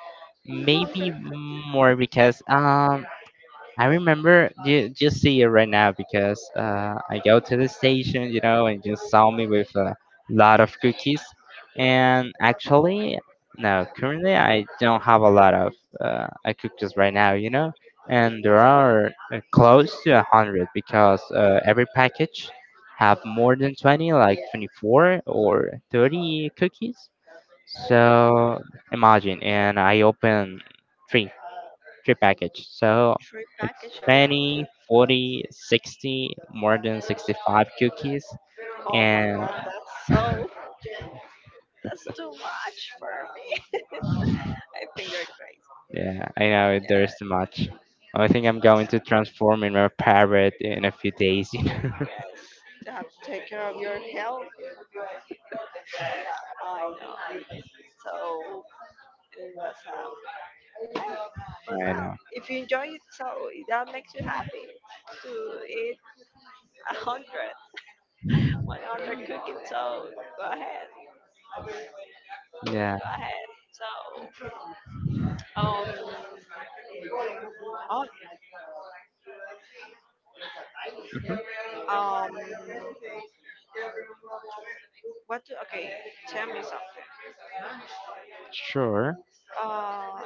maybe one hundred cookies. more because um I remember you just see it right now because uh, I go to the station, you know, and just saw me with a lot of cookies. And actually, no, currently I don't have a lot of uh, uh, cookies right now, you know. And there are uh, close to a hundred because uh, every package have more than twenty, like twenty-four or thirty cookies. So imagine, and I open three, three package. So Three package of cookies. twenty, forty, sixty, more than sixty-five cookies. Oh my And god, that's so that's too much for me. I think you're crazy. yeah, I know there's too much. I think I'm going to transform in a parrot in a few days. you know. Yes, yes. To have to take care of your health. I know. So it was, um, yeah. But I well, know. if you enjoy it, so that makes you happy to eat a hundred, one hundred cookies. So go ahead, Yeah, go ahead. So, um, oh, um, What do, okay, tell me something. sure. Uh,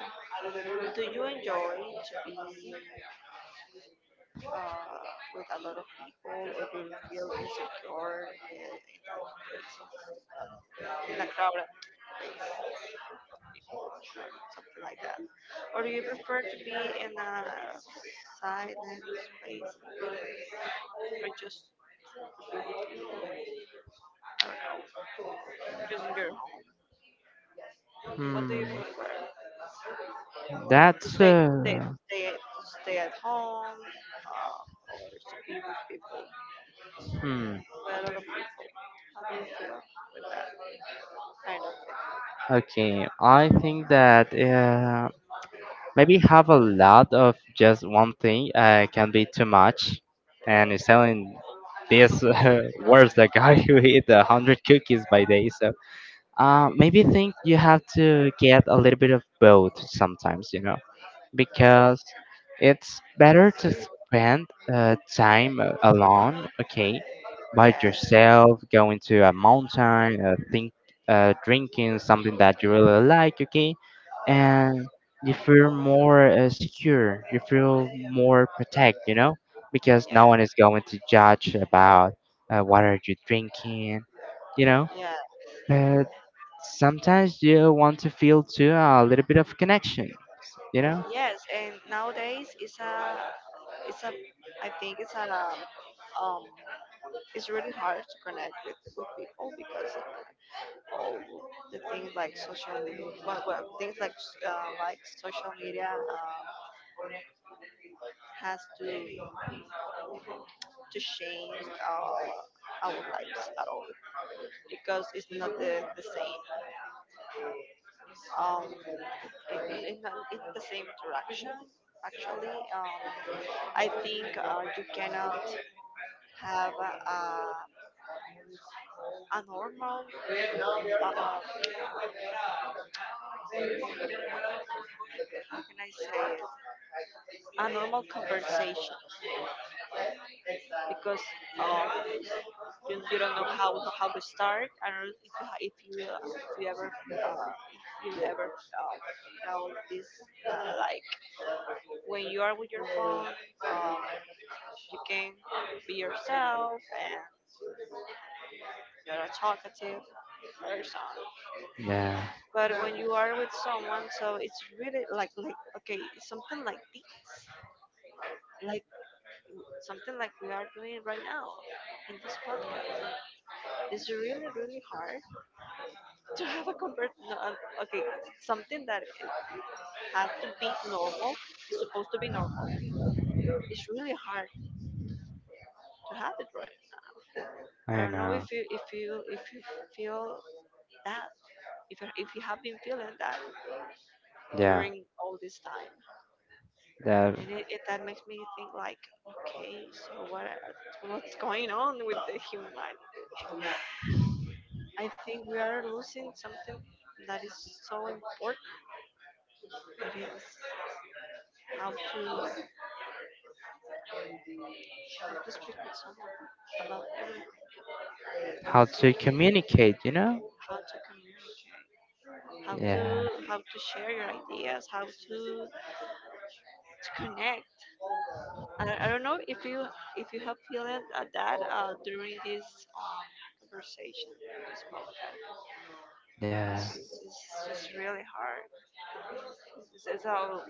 do you enjoy to be, uh, with a lot of people, or do you feel insecure in, in that place, in a crowd or something like that? Or do you prefer to be in a silent place, or just, just in your home? What do Hmm. you prefer? To That's. stay, to stay, to uh. stay, to stay at home, uh, or to be with people, Hmm. with a lot of people? How do you feel with that kind of Okay. I think that. uh, Maybe have a lot of just one thing uh, can be too much, and it's telling this uh, worse the guy who eat a hundred cookies by day. So uh, maybe think you have to get a little bit of both sometimes. You know, thing? Yeah, because it's better to spend uh, time a- alone, okay, by yeah, yourself, going to a mountain, uh, think, uh, drinking something that you really like, okay, and you feel more uh, secure, you feel more protect, you know, because no yeah, one is going to judge about uh, what are you drinking, you know, yeah, yeah. but sometimes you want to feel too a little bit of connection, you know. Yes, and nowadays, it's a, it's a, I think it's a, um, um, it's really hard to connect with, with people, because of the, all the things like social media. Well, well things like, uh, like social media, uh, has to to change our our lives at all. Because it's not the, the same, um, in, in, an- in the same direction. Actually, um, I think, uh, you cannot have a, a, a normal, uh, how can I say it, a normal conversation. Because, um, you, you don't know how, how to start. I don't know if you, ha- if you, uh, if you ever uh, if you ever uh, felt this, uh, like when you are with your phone, um, you can be yourself, you're a talkative person. Yeah. But when you are with someone, so it's really like, like okay, it's something like this, like w- something like we are doing right now in this podcast. It's really, really hard to have a convert. No, um, okay, something that it has to be normal is supposed to be normal. It's really hard to have it right. I I don't know know. if you if you if you feel that, if you, if you have been feeling that Yeah. during all this time. That And it, it that makes me think like, okay, so what what's going on with the humanity? I think we are losing something that is so important. That is how to, how to speak with someone about everything, how to communicate, you know? how to communicate, how Yeah. to, how to share your ideas, how to to connect. I, I don't know if you if you have feeling at that, uh, during this, um, conversation, this podcast. Yeah. It's, it's just really hard. This is all,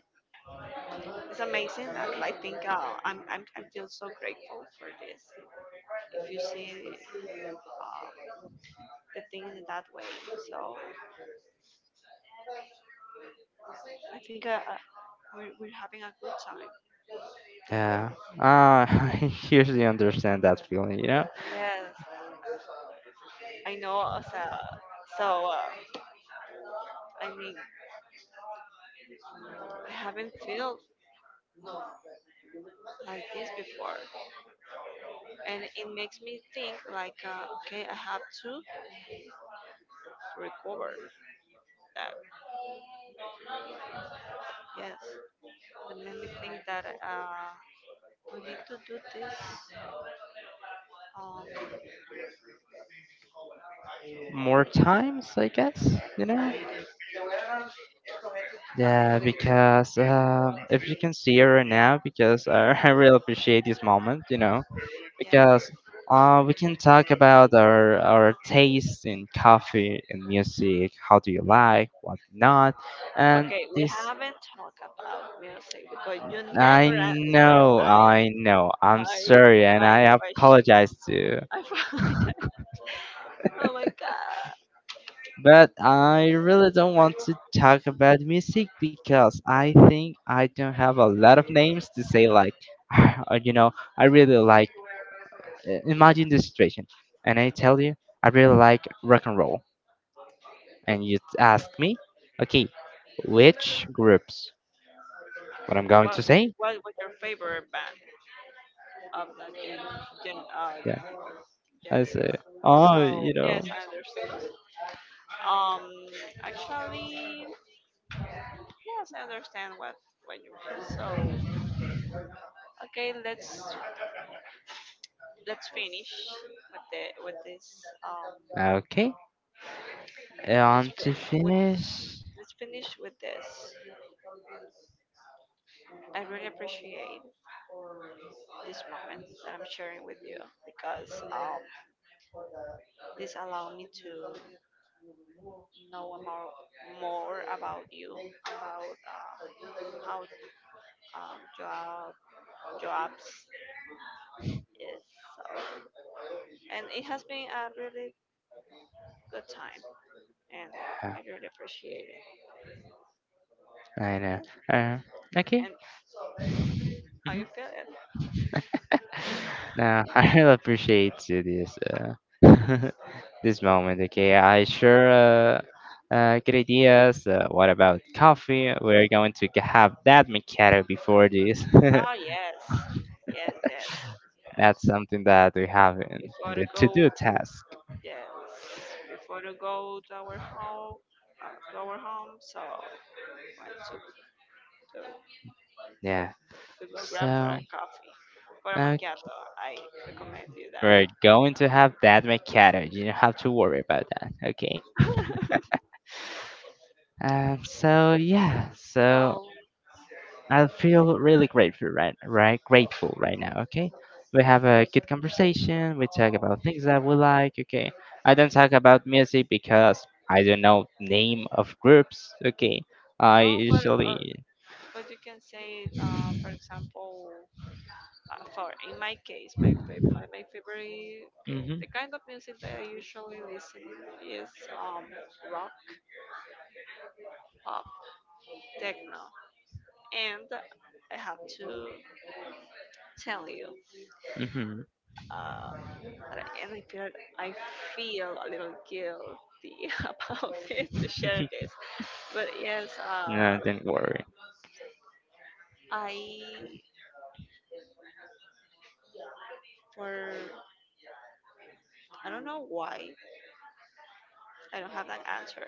it's amazing. I like think uh, I'm, I'm I feel so grateful for this. If you see, uh, the things in that way, so I think, uh, uh, we're we're having a good time. Yeah. Uh, I usually understand that feeling, you know? Yes, I know. uh, So, so uh, I mean, I haven't felt like this before, and it makes me think like, uh, okay, I have to recover that. Yes, it made me think that, uh, we need to do this Um, More times, I guess, you know? Yeah, because uh, if you can see it right now, because I, I really appreciate this moment, you know? Because yes. uh, we can talk about our, our taste in coffee and music, how do you like, what not, and Okay, we this haven't talked about music because you never I answered know, my I know. I'm my sorry and my I question. apologize too. I apologize. Oh my god. But I really don't want to talk about music because I think I don't have a lot of names to say, like, or, you know, I really like, uh, imagine the situation. And I tell you, I really like rock and roll. And you ask me, okay, which groups? What I'm going What to say? what was your favorite band of that, gen, gen uh, Yeah. genre? I say, oh, So you know. yes, I understand. Um, actually, yes, I understand what what you mean. So okay, let's let's finish with the with this, um Okay. Let's, And to fi- with, finish. let's finish with this. I really appreciate this moment that I'm sharing with you, because, um, this allowed me to know more, more about you. About, uh, how, um, job, jobs is. So, and it has been a really good time, and I really appreciate it. I know. Yes. Uh, okay. And how you feeling? Now I really appreciate you this uh, this moment. Okay, I sure uh, uh, good ideas. Uh, what about coffee? We're going to g- have that Mikado before this. Oh, yes, yes, yes, That's yes. something that we have in, Before in to the go, to-do task. yes, before to go to our home, uh, to our home. So went to, to Yeah. to go grab for a So coffee, for a uh, macchiato. I recommend you we're going to have that Mikado. You don't have to worry about that. Okay. that. Um. So yeah. So So I feel really grateful right right grateful right now, okay? We have a good conversation, we talk about things that we like, okay? I don't talk about music because I don't know name of groups, okay? I no, but, uh, usually but you can say, uh, for example, uh, for in my case, my fav- my, my favorite, okay, mhm, the kind of music that I usually listen is, um rock, pop, techno, and I have to tell you. mhm, Um, but every period I feel a little guilty about this, to share this. But yes, no, uh, don't worry. I for I don't know why, I don't have an answer.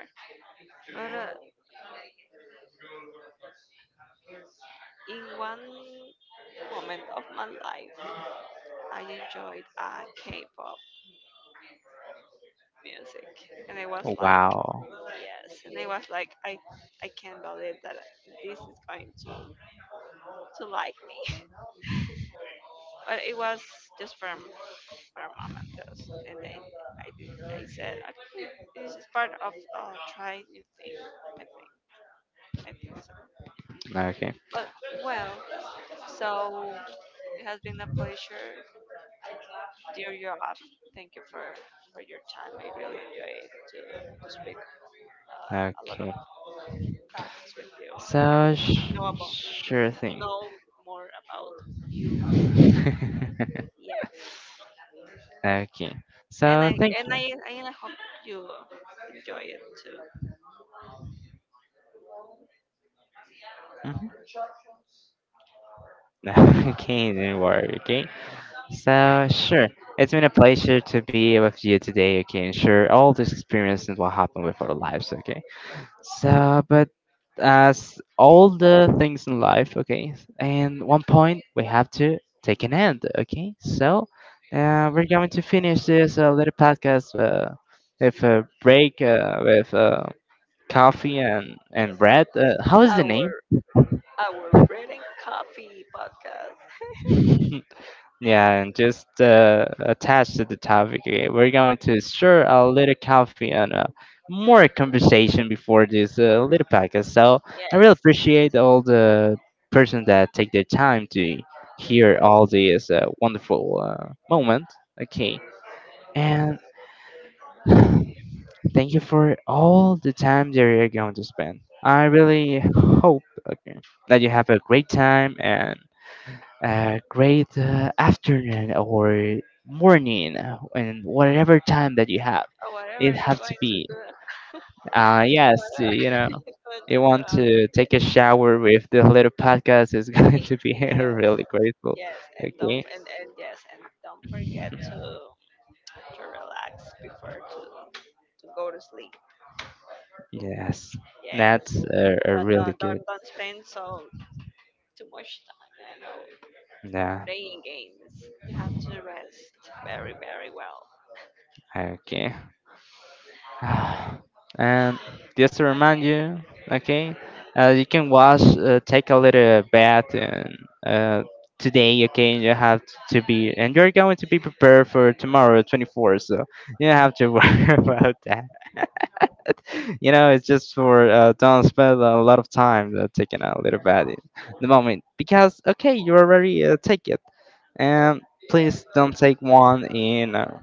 But, uh, in one moment of my life, I enjoyed, uh, K-pop music, and I was like, Wow. yes. And I was like, I I can't believe that this is going to to like me. But it was just from Our mom and those. And then I did. I said, I think it is just part of, uh, trying new thing. I think. I think so. Okay. But well, so it has been a pleasure, dear Joab. Thank you for for your time. I really enjoyed to to speak, uh, a lot of Okay. topics with you. So sh- Know about sure thing. know more about you. Yes. Okay. And So I thank and you. I and I hope you enjoy it too. Mhm. Okay, don't worry, okay? So, sure. It's been a pleasure to be with you today, okay, and share all these experiences and what happened with our lives, okay? So, but as all the things in life, okay, and one point we have to take an end, okay? So, uh, we're going to finish this uh, little podcast uh, with a break uh, with uh, coffee and, and bread. Uh, how is the name? Our our bread and coffee podcast. Yeah, and just uh, attached to the topic, okay, we're going to stir a little coffee and uh, more conversation before this uh, little podcast. So I really Yes. appreciate all the person that take their time to hear all these uh, wonderful uh, moment. Okay, and thank you for all the time that you're going to spend. I really hope okay, that you have a great time and a great uh, afternoon or morning uh, and whatever time that you have Or it whatever you're have to going to be do. uh, yes, Whatever you know, you're going to you do. want to after- take a shower with the little podcast is going Hey, to be yes, really grateful, yes. And don't okay, and, and yes, and don't forget to to relax before to to go to sleep. yes, Yes. that's uh, a Don't really don't good, don't, don't spend so too much time, you know, yeah, playing games. You have to rest very, very well. okay, and just to remind you, okay, uh, you can wash, uh, take a little bath and, uh, today, okay, and you have to be, and you're going to be prepared for tomorrow, twenty-four, so you don't have to worry about that. You know, it's just for, uh, don't spend a lot of time uh, taking a little bath in the moment, because, okay, you already uh, take it, and please don't take one in. Uh,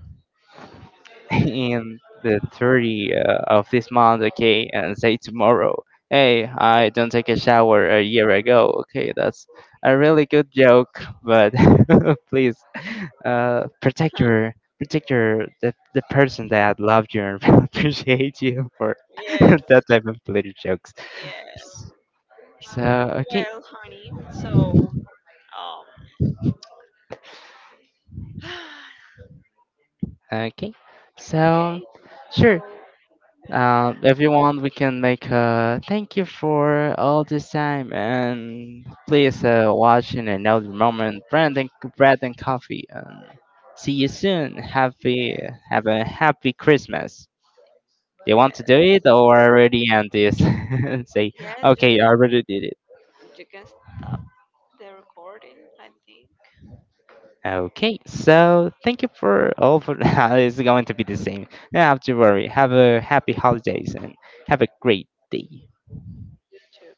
in the thirty uh, of this month, okay, and say tomorrow, hey, I don't take a shower a year ago, okay, that's a really good joke, but please uh, protect your protect your the, the person that loved you and appreciate you for that yes. type of little jokes. Yes. So okay, Well, honey, so, um, okay, so okay, sure. so Uh, if you want, we can make a thank you for all this time and please uh, watch in another moment. Bread and bread and coffee and see you soon. Happy yes, have a happy Christmas. Do you want to do it or already end this? Say yes, yes, okay, I already did it. you, you can stop the recording. I think Okay, so thank you for all for it's going to be the same. You don't have to worry. Have a happy holidays and have a great day. you too.